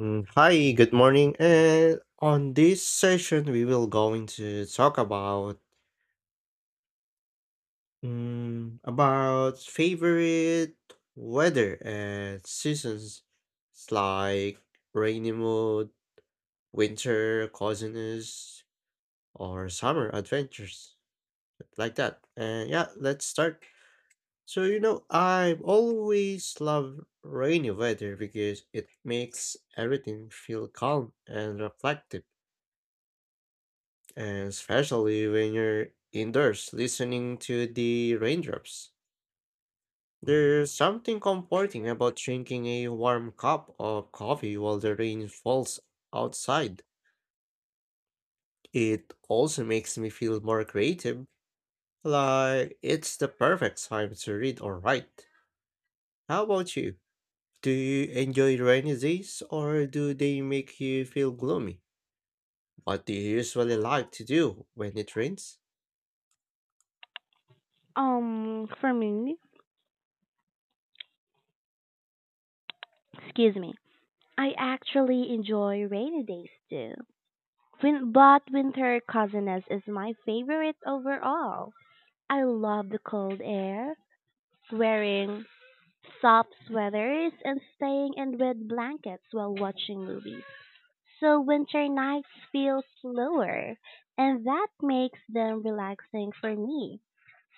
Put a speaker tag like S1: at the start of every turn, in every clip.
S1: Hi, good morning. And on this session, we will going to talk about about favorite weather and seasons. It's like rainy mood, winter coziness, or summer adventures like that. And yeah, let's start. So I've always loved rainy weather because it makes everything feel calm and reflective. And especially when you're indoors listening to the raindrops. There's something comforting about drinking a warm cup of coffee while the rain falls outside. It also makes me feel more creative, like it's the perfect time to read or write. How about you? Do you enjoy rainy days or do they make you feel gloomy? What do you usually like to do when it rains?
S2: For me, excuse me, I actually enjoy rainy days too. But winter coziness is my favorite overall. I love the cold air, wearing soft sweaters, and staying in wet blankets while watching movies. So winter nights feel slower, and that makes them relaxing for me.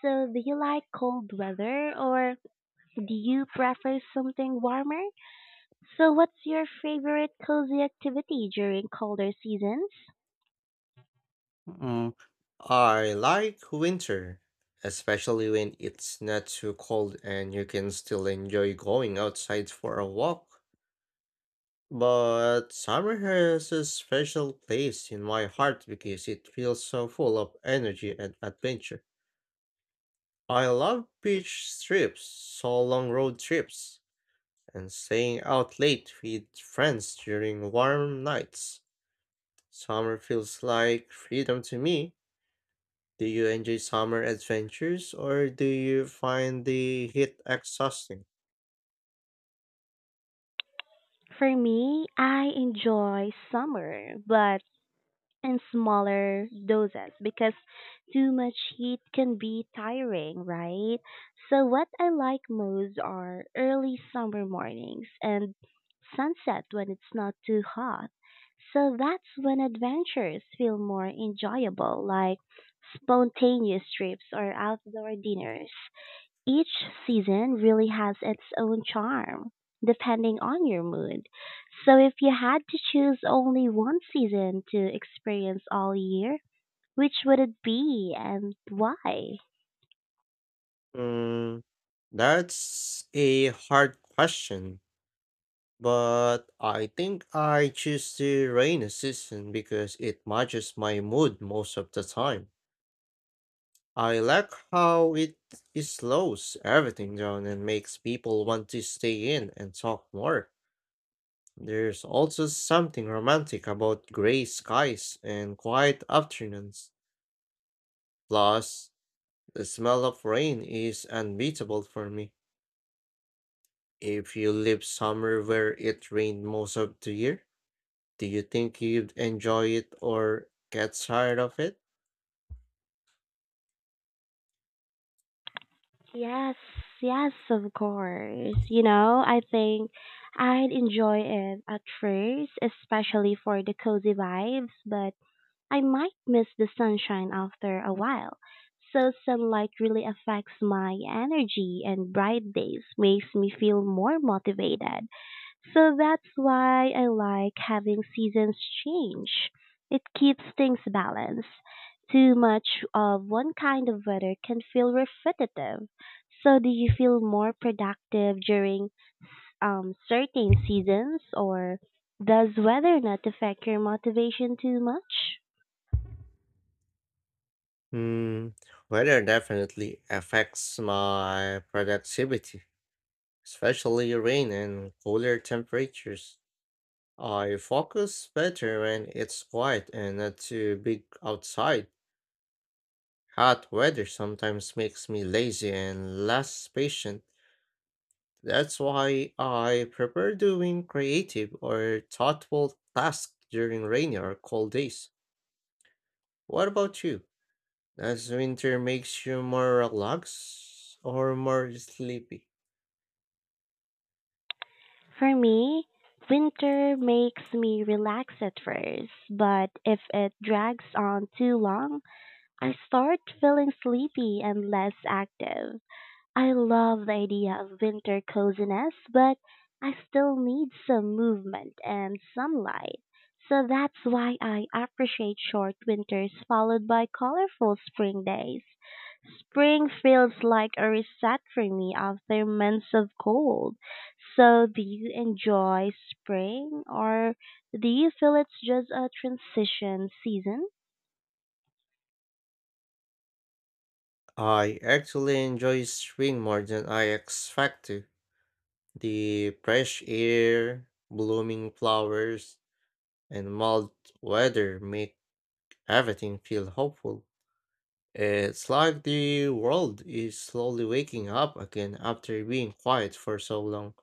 S2: So, do you like cold weather or do you prefer something warmer? So, what's your favorite cozy activity during colder seasons?
S1: Mm, I like winter, especially when it's not too cold and you can still enjoy going outside for a walk. But summer has a special place in my heart because it feels so full of energy and adventure. I love beach trips, so long road trips, and staying out late with friends during warm nights. Summer feels like freedom to me. Do you enjoy summer adventures or do you find the heat exhausting?
S2: For me, I enjoy summer, but in smaller doses because too much heat can be tiring, right? So, what I like most are early summer mornings and sunset when it's not too hot. So, that's when adventures feel more enjoyable, like spontaneous trips or outdoor dinners. Each season really has its own charm, depending on your mood. So if you had to choose only one season to experience all year, which would it be and why?
S1: Mm, that's a hard question. But I think I choose the rainy season because it matches my mood most of the time. I like how it slows everything down and makes people want to stay in and talk more. There's also something romantic about gray skies and quiet afternoons. Plus, the smell of rain is unbeatable for me. If you live somewhere where it rained most of the year, do you think you'd enjoy it or get tired of it?
S2: Yes, yes, of course. You know, I think I'd enjoy it at first, especially for the cozy vibes, but I might miss the sunshine after a while, so sunlight really affects my energy and bright days makes me feel more motivated. So that's why I like having seasons change. It keeps things balanced. Too much of one kind of weather can feel repetitive. So do you feel more productive during certain seasons or does weather not affect your motivation too much?
S1: Hmm, Weather definitely affects my productivity, especially rain and cooler temperatures. I focus better when it's quiet and not too big outside. Hot weather sometimes makes me lazy and less patient. That's why I prefer doing creative or thoughtful tasks during rainy or cold days. What about you? Does winter makes you more relaxed or more sleepy?
S2: For me, winter makes me relax at first, but if it drags on too long, I start feeling sleepy and less active. I love the idea of winter coziness, but I still need some movement and sunlight. So that's why I appreciate short winters followed by colorful spring days. Spring feels like a reset for me after months of cold. So, do you enjoy spring or do you feel it's just a transition season?
S1: I actually enjoy spring more than I expect to. The fresh air, blooming flowers, and mild weather make everything feel hopeful. It's like the world is slowly waking up again after being quiet for so long.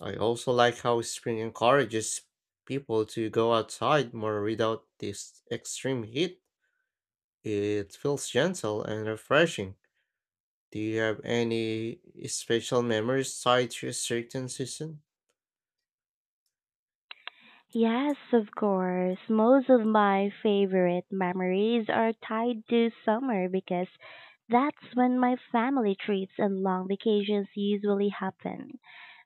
S1: I also like how spring encourages people to go outside more without this extreme heat. It feels gentle and refreshing. Do you have any special memories tied to a certain season?
S2: Yes, of course. Most of my favorite memories are tied to summer because that's when my family trips and long vacations usually happen.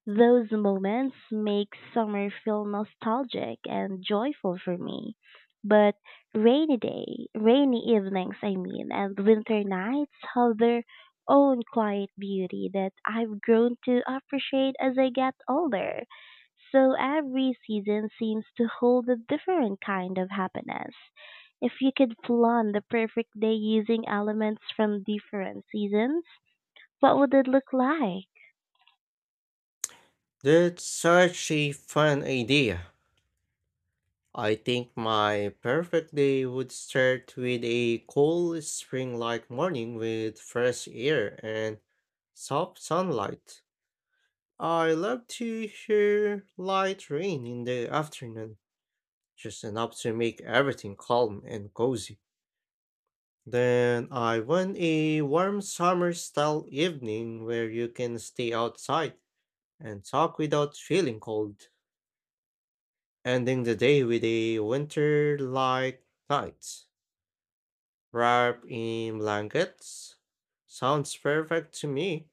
S2: Those moments make summer feel nostalgic and joyful for me. But rainy day, rainy evenings, I mean, and winter nights have their own quiet beauty that I've grown to appreciate as I get older. So every season seems to hold a different kind of happiness. If you could plan the perfect day using elements from different seasons, what would it look like?
S1: That's such a fun idea. I think my perfect day would start with a cool spring-like morning with fresh air and soft sunlight. I love to hear light rain in the afternoon, just enough to make everything calm and cozy. Then I want a warm summer style evening where you can stay outside and talk without feeling cold, ending the day with a winter like night. Wrapped in blankets? Sounds perfect to me.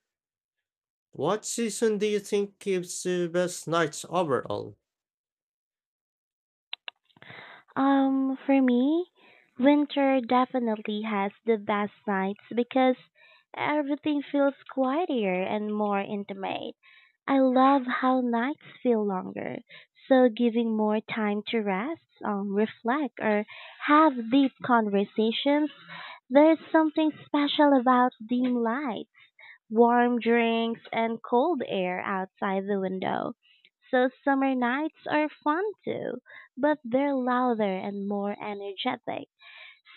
S1: What season do you think gives the best nights overall?
S2: For me, winter definitely has the best nights because everything feels quieter and more intimate. I love how nights feel longer, so giving more time to rest, reflect, or have deep conversations. There's something special about dim lights warm drinks, and cold air outside the window. So summer nights are fun too, but they're louder and more energetic.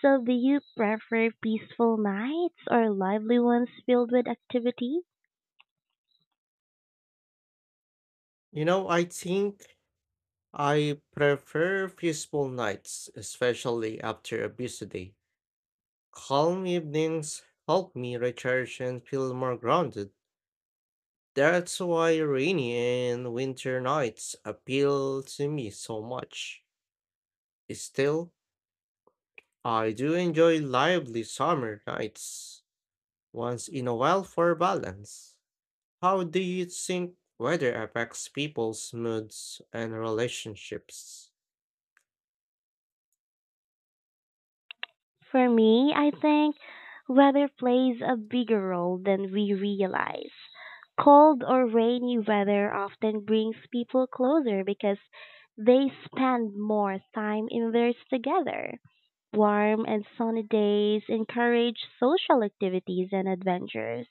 S2: So do you prefer peaceful nights or lively ones filled with activity?
S1: You know, I think I prefer peaceful nights, especially after a busy day. Calm evenings help me recharge and feel more grounded. That's why rainy and winter nights appeal to me so much. Still, I do enjoy lively summer nights once in a while for balance. How do you think weather affects people's moods and relationships?
S2: For me, I think weather plays a bigger role than we realize. Cold or rainy weather often brings people closer because they spend more time indoors together. Warm and sunny days encourage social activities and adventures,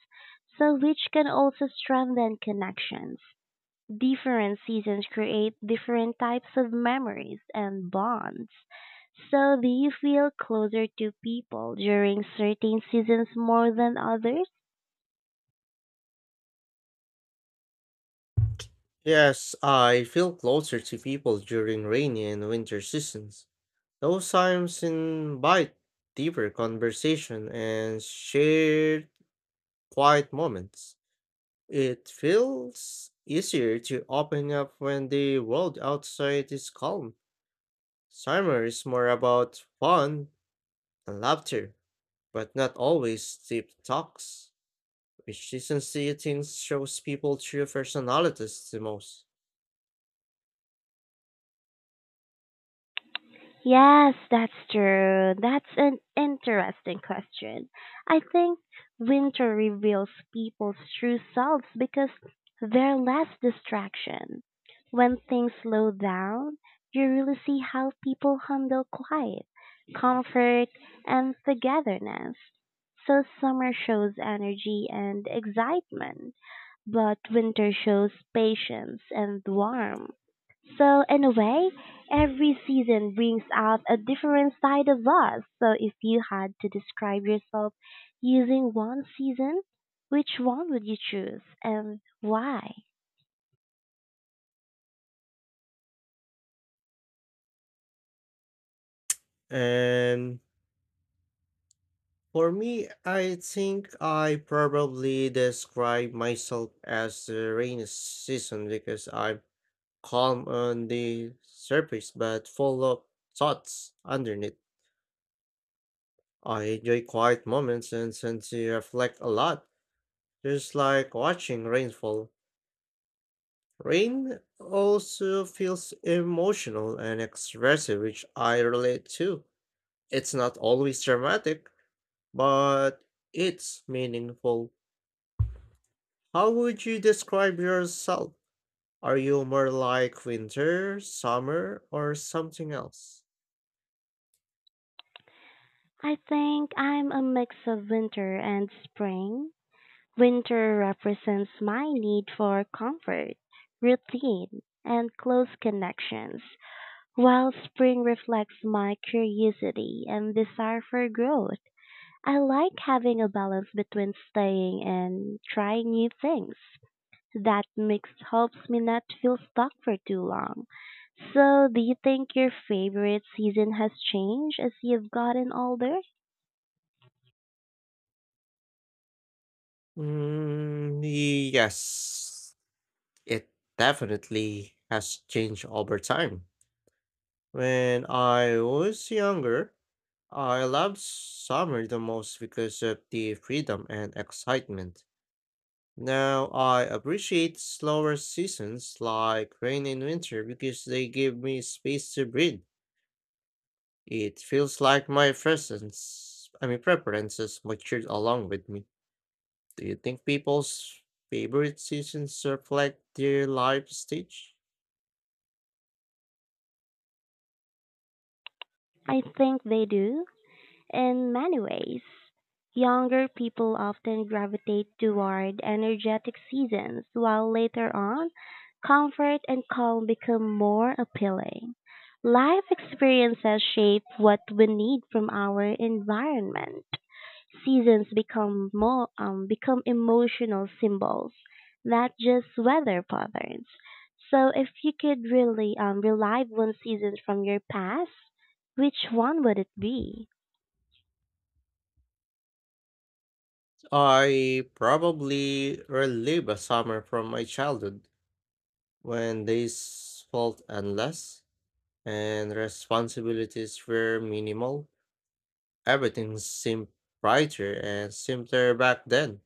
S2: so which can also strengthen connections. Different seasons create different types of memories and bonds. So do you feel closer to people during certain seasons more than others?
S1: Yes, I feel closer to people during rainy and winter seasons. Those times invite deeper conversation and shared quiet moments. It feels easier to open up when the world outside is calm. Summer is more about fun and laughter, but not always deep talks, which season seating shows people true personalities the most.
S2: Yes, that's true. That's an interesting question. I think winter reveals people's true selves because they're less distraction. When things slow down, you really see how people handle quiet, comfort, and togetherness. So summer shows energy and excitement, but winter shows patience and warmth. So, in a way, every season brings out a different side of us. So, if you had to describe yourself using one season, which one would you choose and why?
S1: And for me, I think I probably describe myself as the rainy season because I'm calm on the surface but full of thoughts underneath. I enjoy quiet moments and tend to reflect a lot, just like watching rainfall. Rain also feels emotional and expressive, which I relate to. It's not always dramatic, but it's meaningful. How would you describe yourself? Are you more like winter, summer, or something else?
S2: I think I'm a mix of winter and spring. Winter represents my need for comfort, routine, and close connections, while spring reflects my curiosity and desire for growth. I like having a balance between staying and trying new things. That mix helps me not feel stuck for too long. So, do you think your favorite season has changed as you've gotten older?
S1: Mm, yes, it definitely has changed over time. When I was younger, I loved summer the most because of the freedom and excitement. Now I appreciate slower seasons like rain and winter because they give me space to breathe. It feels like my presence, I mean preferences matured along with me. Do you think people's favorite seasons reflect their life stage?
S2: I think they do. In many ways, younger people often gravitate toward energetic seasons, while later on, comfort and calm become more appealing. Life experiences shape what we need from our environment. Seasons become more become emotional symbols, not just weather patterns. So, if you could really relive one season from your past, which one would it be?
S1: I probably relive a summer from my childhood when days felt endless and responsibilities were minimal. Everything seemed brighter and simpler back then.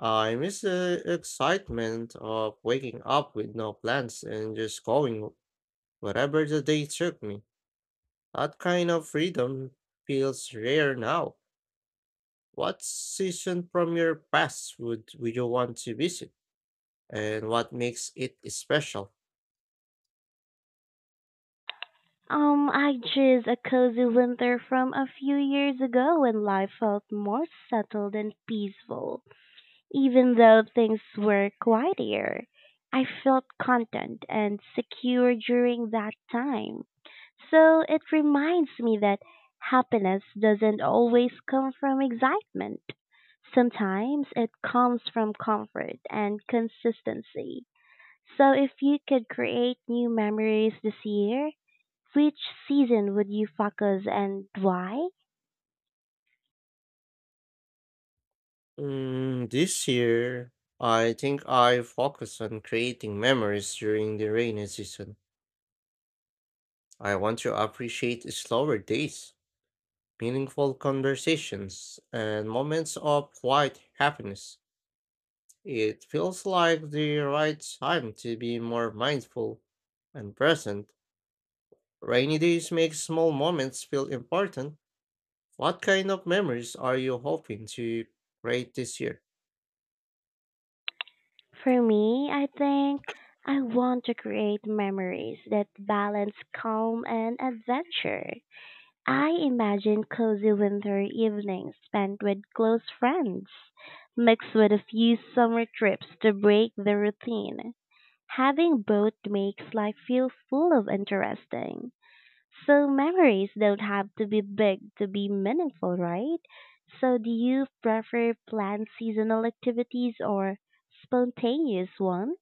S1: I miss the excitement of waking up with no plans and just going whatever the day took me, that kind of freedom feels rare now. What season from your past would, you want to visit? And what makes it special?
S2: I just a cozy winter from a few years ago when life felt more settled and peaceful. Even though things were quieter, I felt content and secure during that time. So it reminds me that happiness doesn't always come from excitement. Sometimes it comes from comfort and consistency. So if you could create new memories this year, which season would you focus and why?
S1: This year, I think I focus on creating memories during the rainy season. I want to appreciate slower days, meaningful conversations, and moments of quiet happiness. It feels like the right time to be more mindful and present. Rainy days make small moments feel important. What kind of memories are you hoping to create this year?
S2: For me, I think I want to create memories that balance calm and adventure. I imagine cozy winter evenings spent with close friends, mixed with a few summer trips to break the routine. Having both makes life feel full of interesting. So memories don't have to be big to be meaningful, right? So do you prefer planned seasonal activities or spontaneous ones?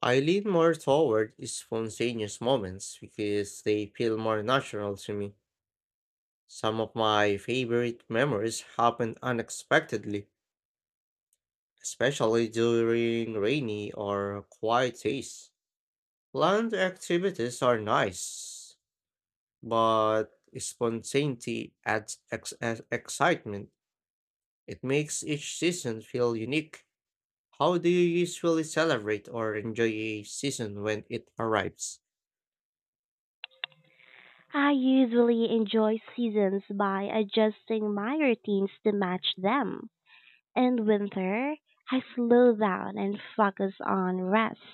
S1: I lean more toward spontaneous moments because they feel more natural to me. Some of my favorite memories happen unexpectedly, especially during rainy or quiet days. Planned activities are nice, but spontaneity adds excitement. It makes each season feel unique. How do you usually celebrate or enjoy a season when it arrives?
S2: I usually enjoy seasons by adjusting my routines to match them. In winter, I slow down and focus on rest.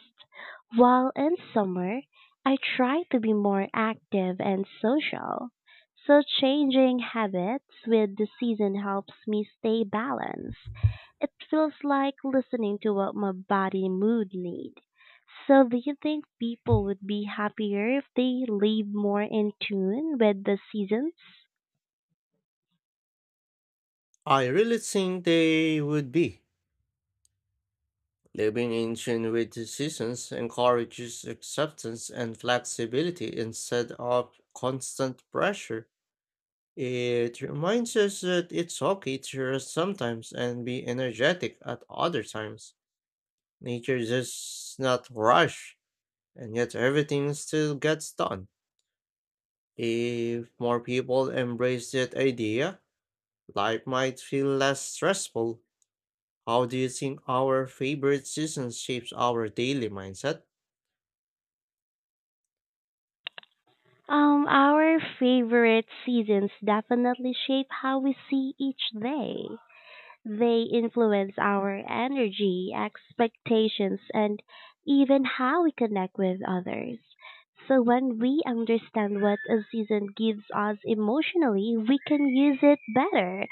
S2: While in summer, I try to be more active and social, so changing habits with the season helps me stay balanced. It feels like listening to what my body mood need. So do you think people would be happier if they live more in tune with the seasons?
S1: I really think they would be. Living in tune with the seasons encourages acceptance and flexibility instead of constant pressure. It reminds us that it's okay to rest sometimes and be energetic at other times. Nature does not rush, and yet everything still gets done. If more people embrace that idea, life might feel less stressful. How do you think our favorite season shapes our daily mindset?
S2: Our favorite seasons definitely shape how we see each day. They influence our energy, expectations, and even how we connect with others. So when we understand what a season gives us emotionally, we can use it better.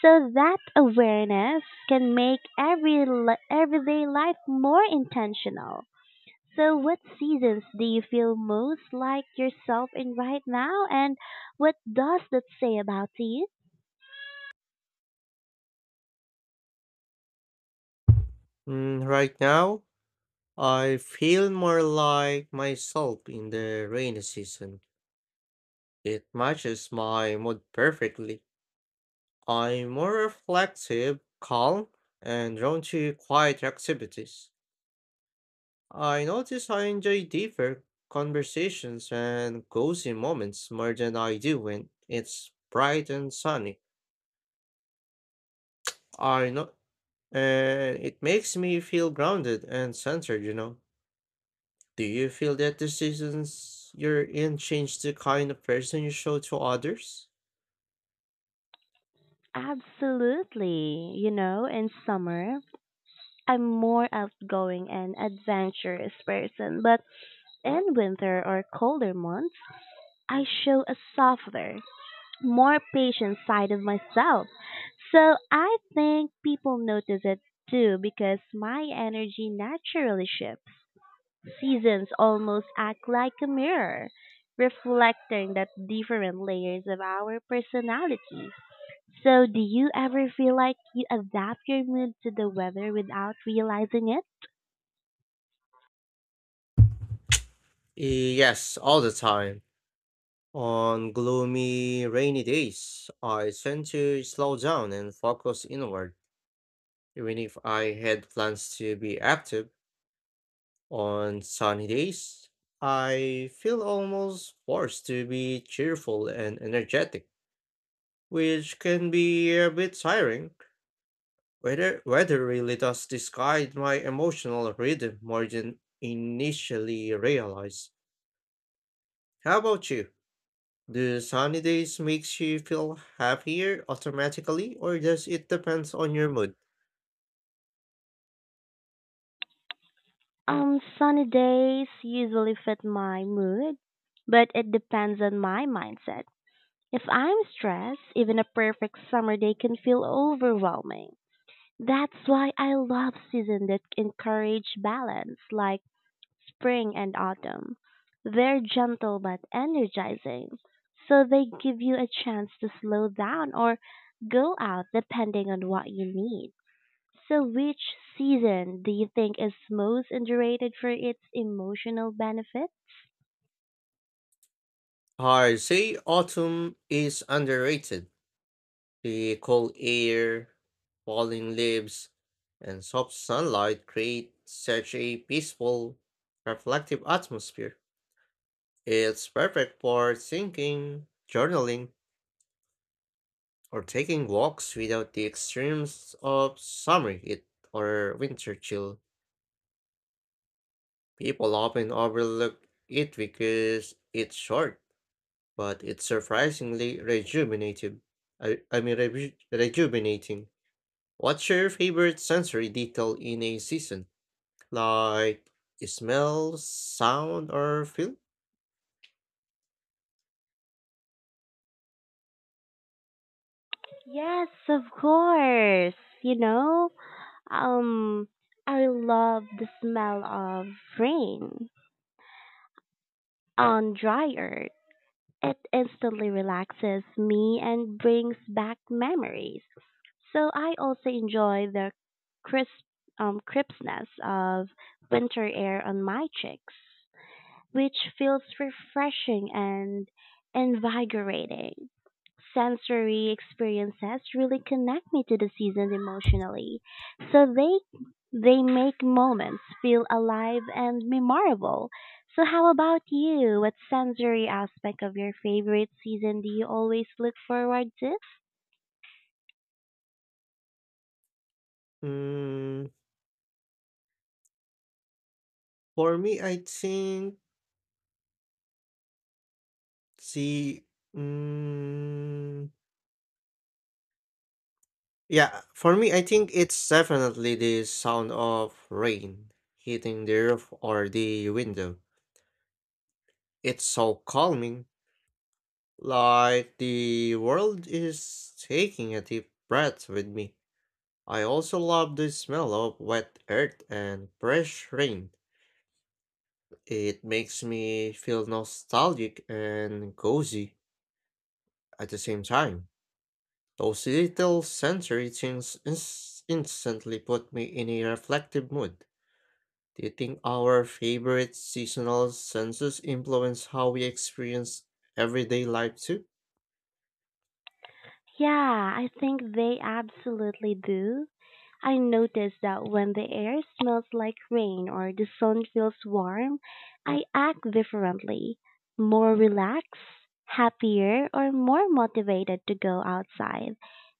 S2: So that awareness can make everyday life more intentional. So what seasons do you feel most like yourself in right now and what does that say about you?
S1: Right now, I feel more like myself in the rainy season. It matches my mood perfectly. I'm more reflective, calm, and drawn to quiet activities. I notice I enjoy deeper conversations and cozy moments more than I do when it's bright and sunny. I know, and it makes me feel grounded and centered. Do you feel that the seasons you're in change the kind of person you show to others?
S2: Absolutely. You know, in summer, I'm more outgoing and adventurous person, but in winter or colder months, I show a softer, more patient side of myself. So I think people notice it too because my energy naturally shifts. Seasons almost act like a mirror, reflecting the different layers of our personality. So, do you ever feel like you adapt your mood to the weather without realizing it?
S1: Yes, all the time. On gloomy, rainy days, I tend to slow down and focus inward, even if I had plans to be active. On sunny days, I feel almost forced to be cheerful and energetic, which can be a bit tiring. Weather really does disguise my emotional rhythm more than initially realized. How about you? Do sunny days makes you feel happier automatically, or does it depend on your mood?
S2: Sunny days usually fit my mood, but it depends on my mindset. If I'm stressed, even a perfect summer day can feel overwhelming. That's why I love seasons that encourage balance, like spring and autumn. They're gentle but energizing, so they give you a chance to slow down or go out depending on what you need. So, which season do you think is most underrated for its emotional benefit?
S1: I say autumn is underrated. The cold air, falling leaves, and soft sunlight create such a peaceful, reflective atmosphere. It's perfect for thinking, journaling, or taking walks without the extremes of summer heat or winter chill. People often overlook it because it's short, but it's surprisingly rejuvenative. I mean, rejuvenating. What's your favorite sensory detail in a season? Like smell, sound, or feel?
S2: Yes, of course. You know, um, I love the smell of rain on dry earth. It instantly relaxes me and brings back memories. So I also enjoy the crisp crispness of winter air on my cheeks, which feels refreshing and invigorating. Sensory experiences really connect me to the season emotionally, so they make moments feel alive and memorable. So how about you? What sensory aspect of your favorite season do you always look forward to?
S1: Mm, for me, I think the mm, yeah. For me, I think it's definitely the sound of rain hitting the roof or the window. It's so calming. Like the world is taking a deep breath with me. I also love the smell of wet earth and fresh rain. It makes me feel nostalgic and cozy at the same time. Those little sensory things instantly put me in a reflective mood. Do you think our favorite seasonal senses influence how we experience everyday life too?
S2: Yeah, I think they absolutely do. I notice that when the air smells like rain or the sun feels warm, I act differently, more relaxed, happier, or more motivated to go outside.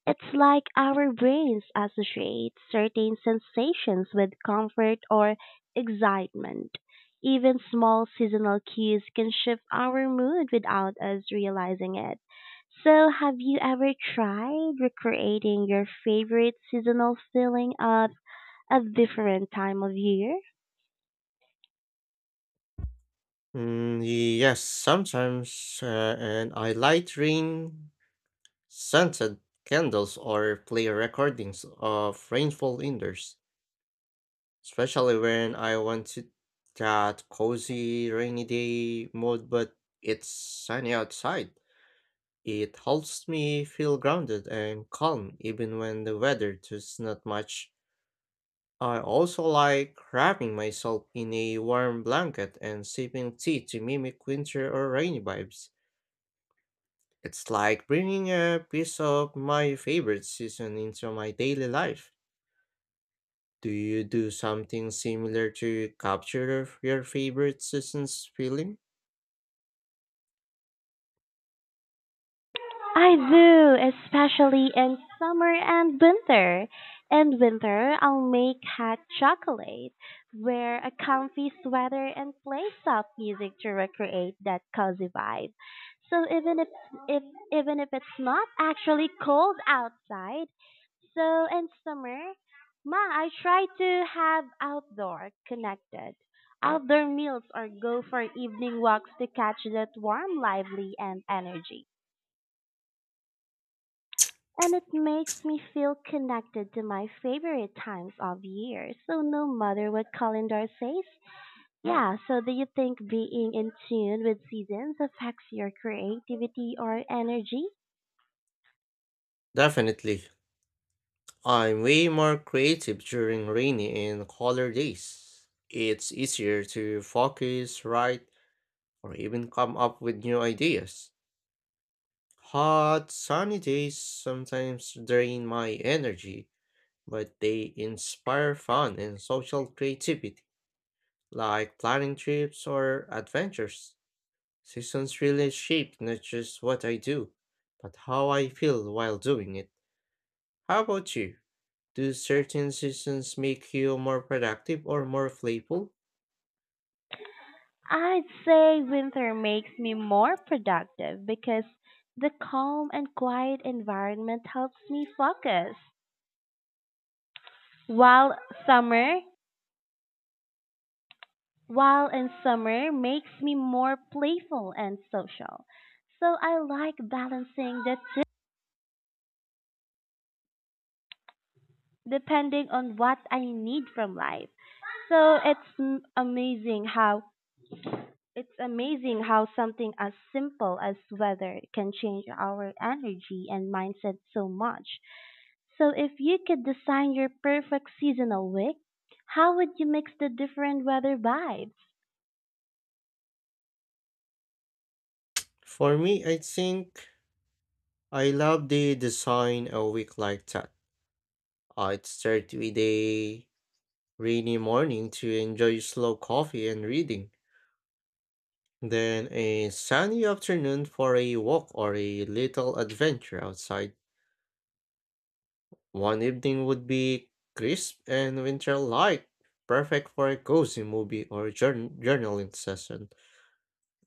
S2: It's like our brains associate certain sensations with comfort or excitement. Even small seasonal cues can shift our mood without us realizing it. So, have you ever tried recreating your favorite seasonal feeling at a different time of year?
S1: Yes, sometimes, and I like rain scented candles or play recordings of rainfall indoors, especially when I want to that cozy rainy day mood but it's sunny outside. It helps me feel grounded and calm even when the weather does not much. I also like wrapping myself in a warm blanket and sipping tea to mimic winter or rainy vibes. It's like bringing a piece of my favorite season into my daily life. Do you do something similar to capture of your favorite season's feeling?
S2: I do, especially in summer and winter. In winter, I'll make hot chocolate, wear a comfy sweater, and play soft music to recreate that cozy vibe. So if even if it's not actually cold outside, so in summer, I try to have outdoor meals or go for evening walks to catch that warm, lively, and energy. And it makes me feel connected to my favorite times of year. So no matter what calendar says, yeah. So do you think being in tune with seasons affects your creativity or energy?
S1: Definitely. I'm way more creative during rainy and colder days. It's easier to focus, write, or even come up with new ideas. Hot, sunny days sometimes drain my energy, but they inspire fun and social creativity, like planning trips or adventures. Seasons really shape not just what I do, but how I feel while doing it. How about you? Do certain seasons make you more productive or more playful?
S2: I'd say winter makes me more productive because the calm and quiet environment helps me focus. While summer, while in summer makes me more playful and social. So I like balancing the two depending on what I need from life. So it's amazing how something as simple as weather can change our energy and mindset so much. So, if you could design your perfect seasonal week, how would you mix the different weather vibes?
S1: For me, I think I love the design a week like that. I'd start with a rainy morning to enjoy slow coffee and reading, then a sunny afternoon for a walk or a little adventure outside. One evening would be crisp and winter light, perfect for a cozy movie or journaling session.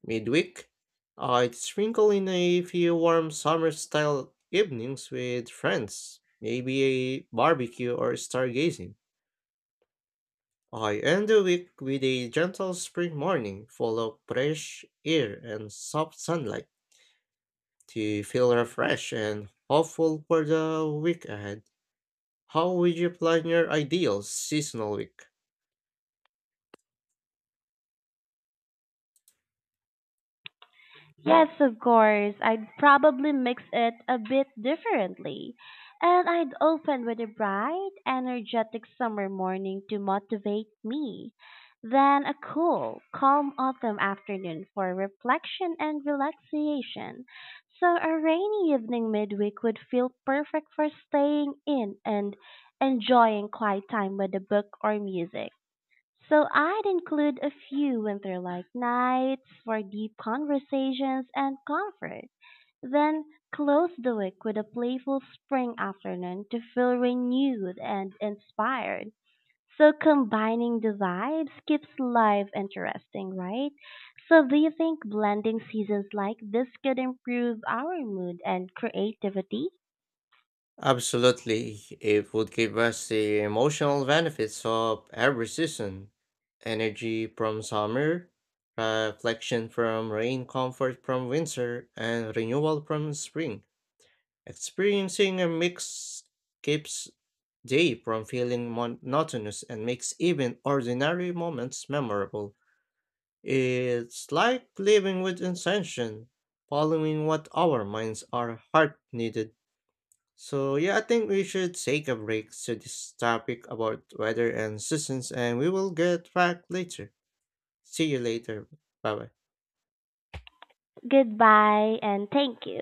S1: Midweek, I'd sprinkle in a few warm summer style evenings with friends, maybe a barbecue or stargazing. I end the week with a gentle spring morning full of fresh air and soft sunlight to feel refreshed and hopeful for the week ahead. How would you plan your ideal seasonal week?
S2: Yes, of course. I'd probably mix it a bit differently. And I'd open with a bright, energetic summer morning to motivate me. Then a cool, calm autumn afternoon for reflection and relaxation. So a rainy evening midweek would feel perfect for staying in and enjoying quiet time with a book or music. So I'd include a few winter-like nights for deep conversations and comfort, then close the week with a playful spring afternoon to feel renewed and inspired. So combining the vibes keeps life interesting, right? So do you think blending seasons like this could improve our mood and creativity?
S1: Absolutely. It would give us the emotional benefits of every season, energy from summer, reflection from rain, comfort from winter, and renewal from spring. Experiencing a mix keeps day from feeling monotonous and makes even ordinary moments memorable. It's like living with intention, following what our minds are heart needed. So yeah, I think we should take a break to this topic about weather and seasons and we will get back later. See you later. Bye bye.
S2: Goodbye and thank you.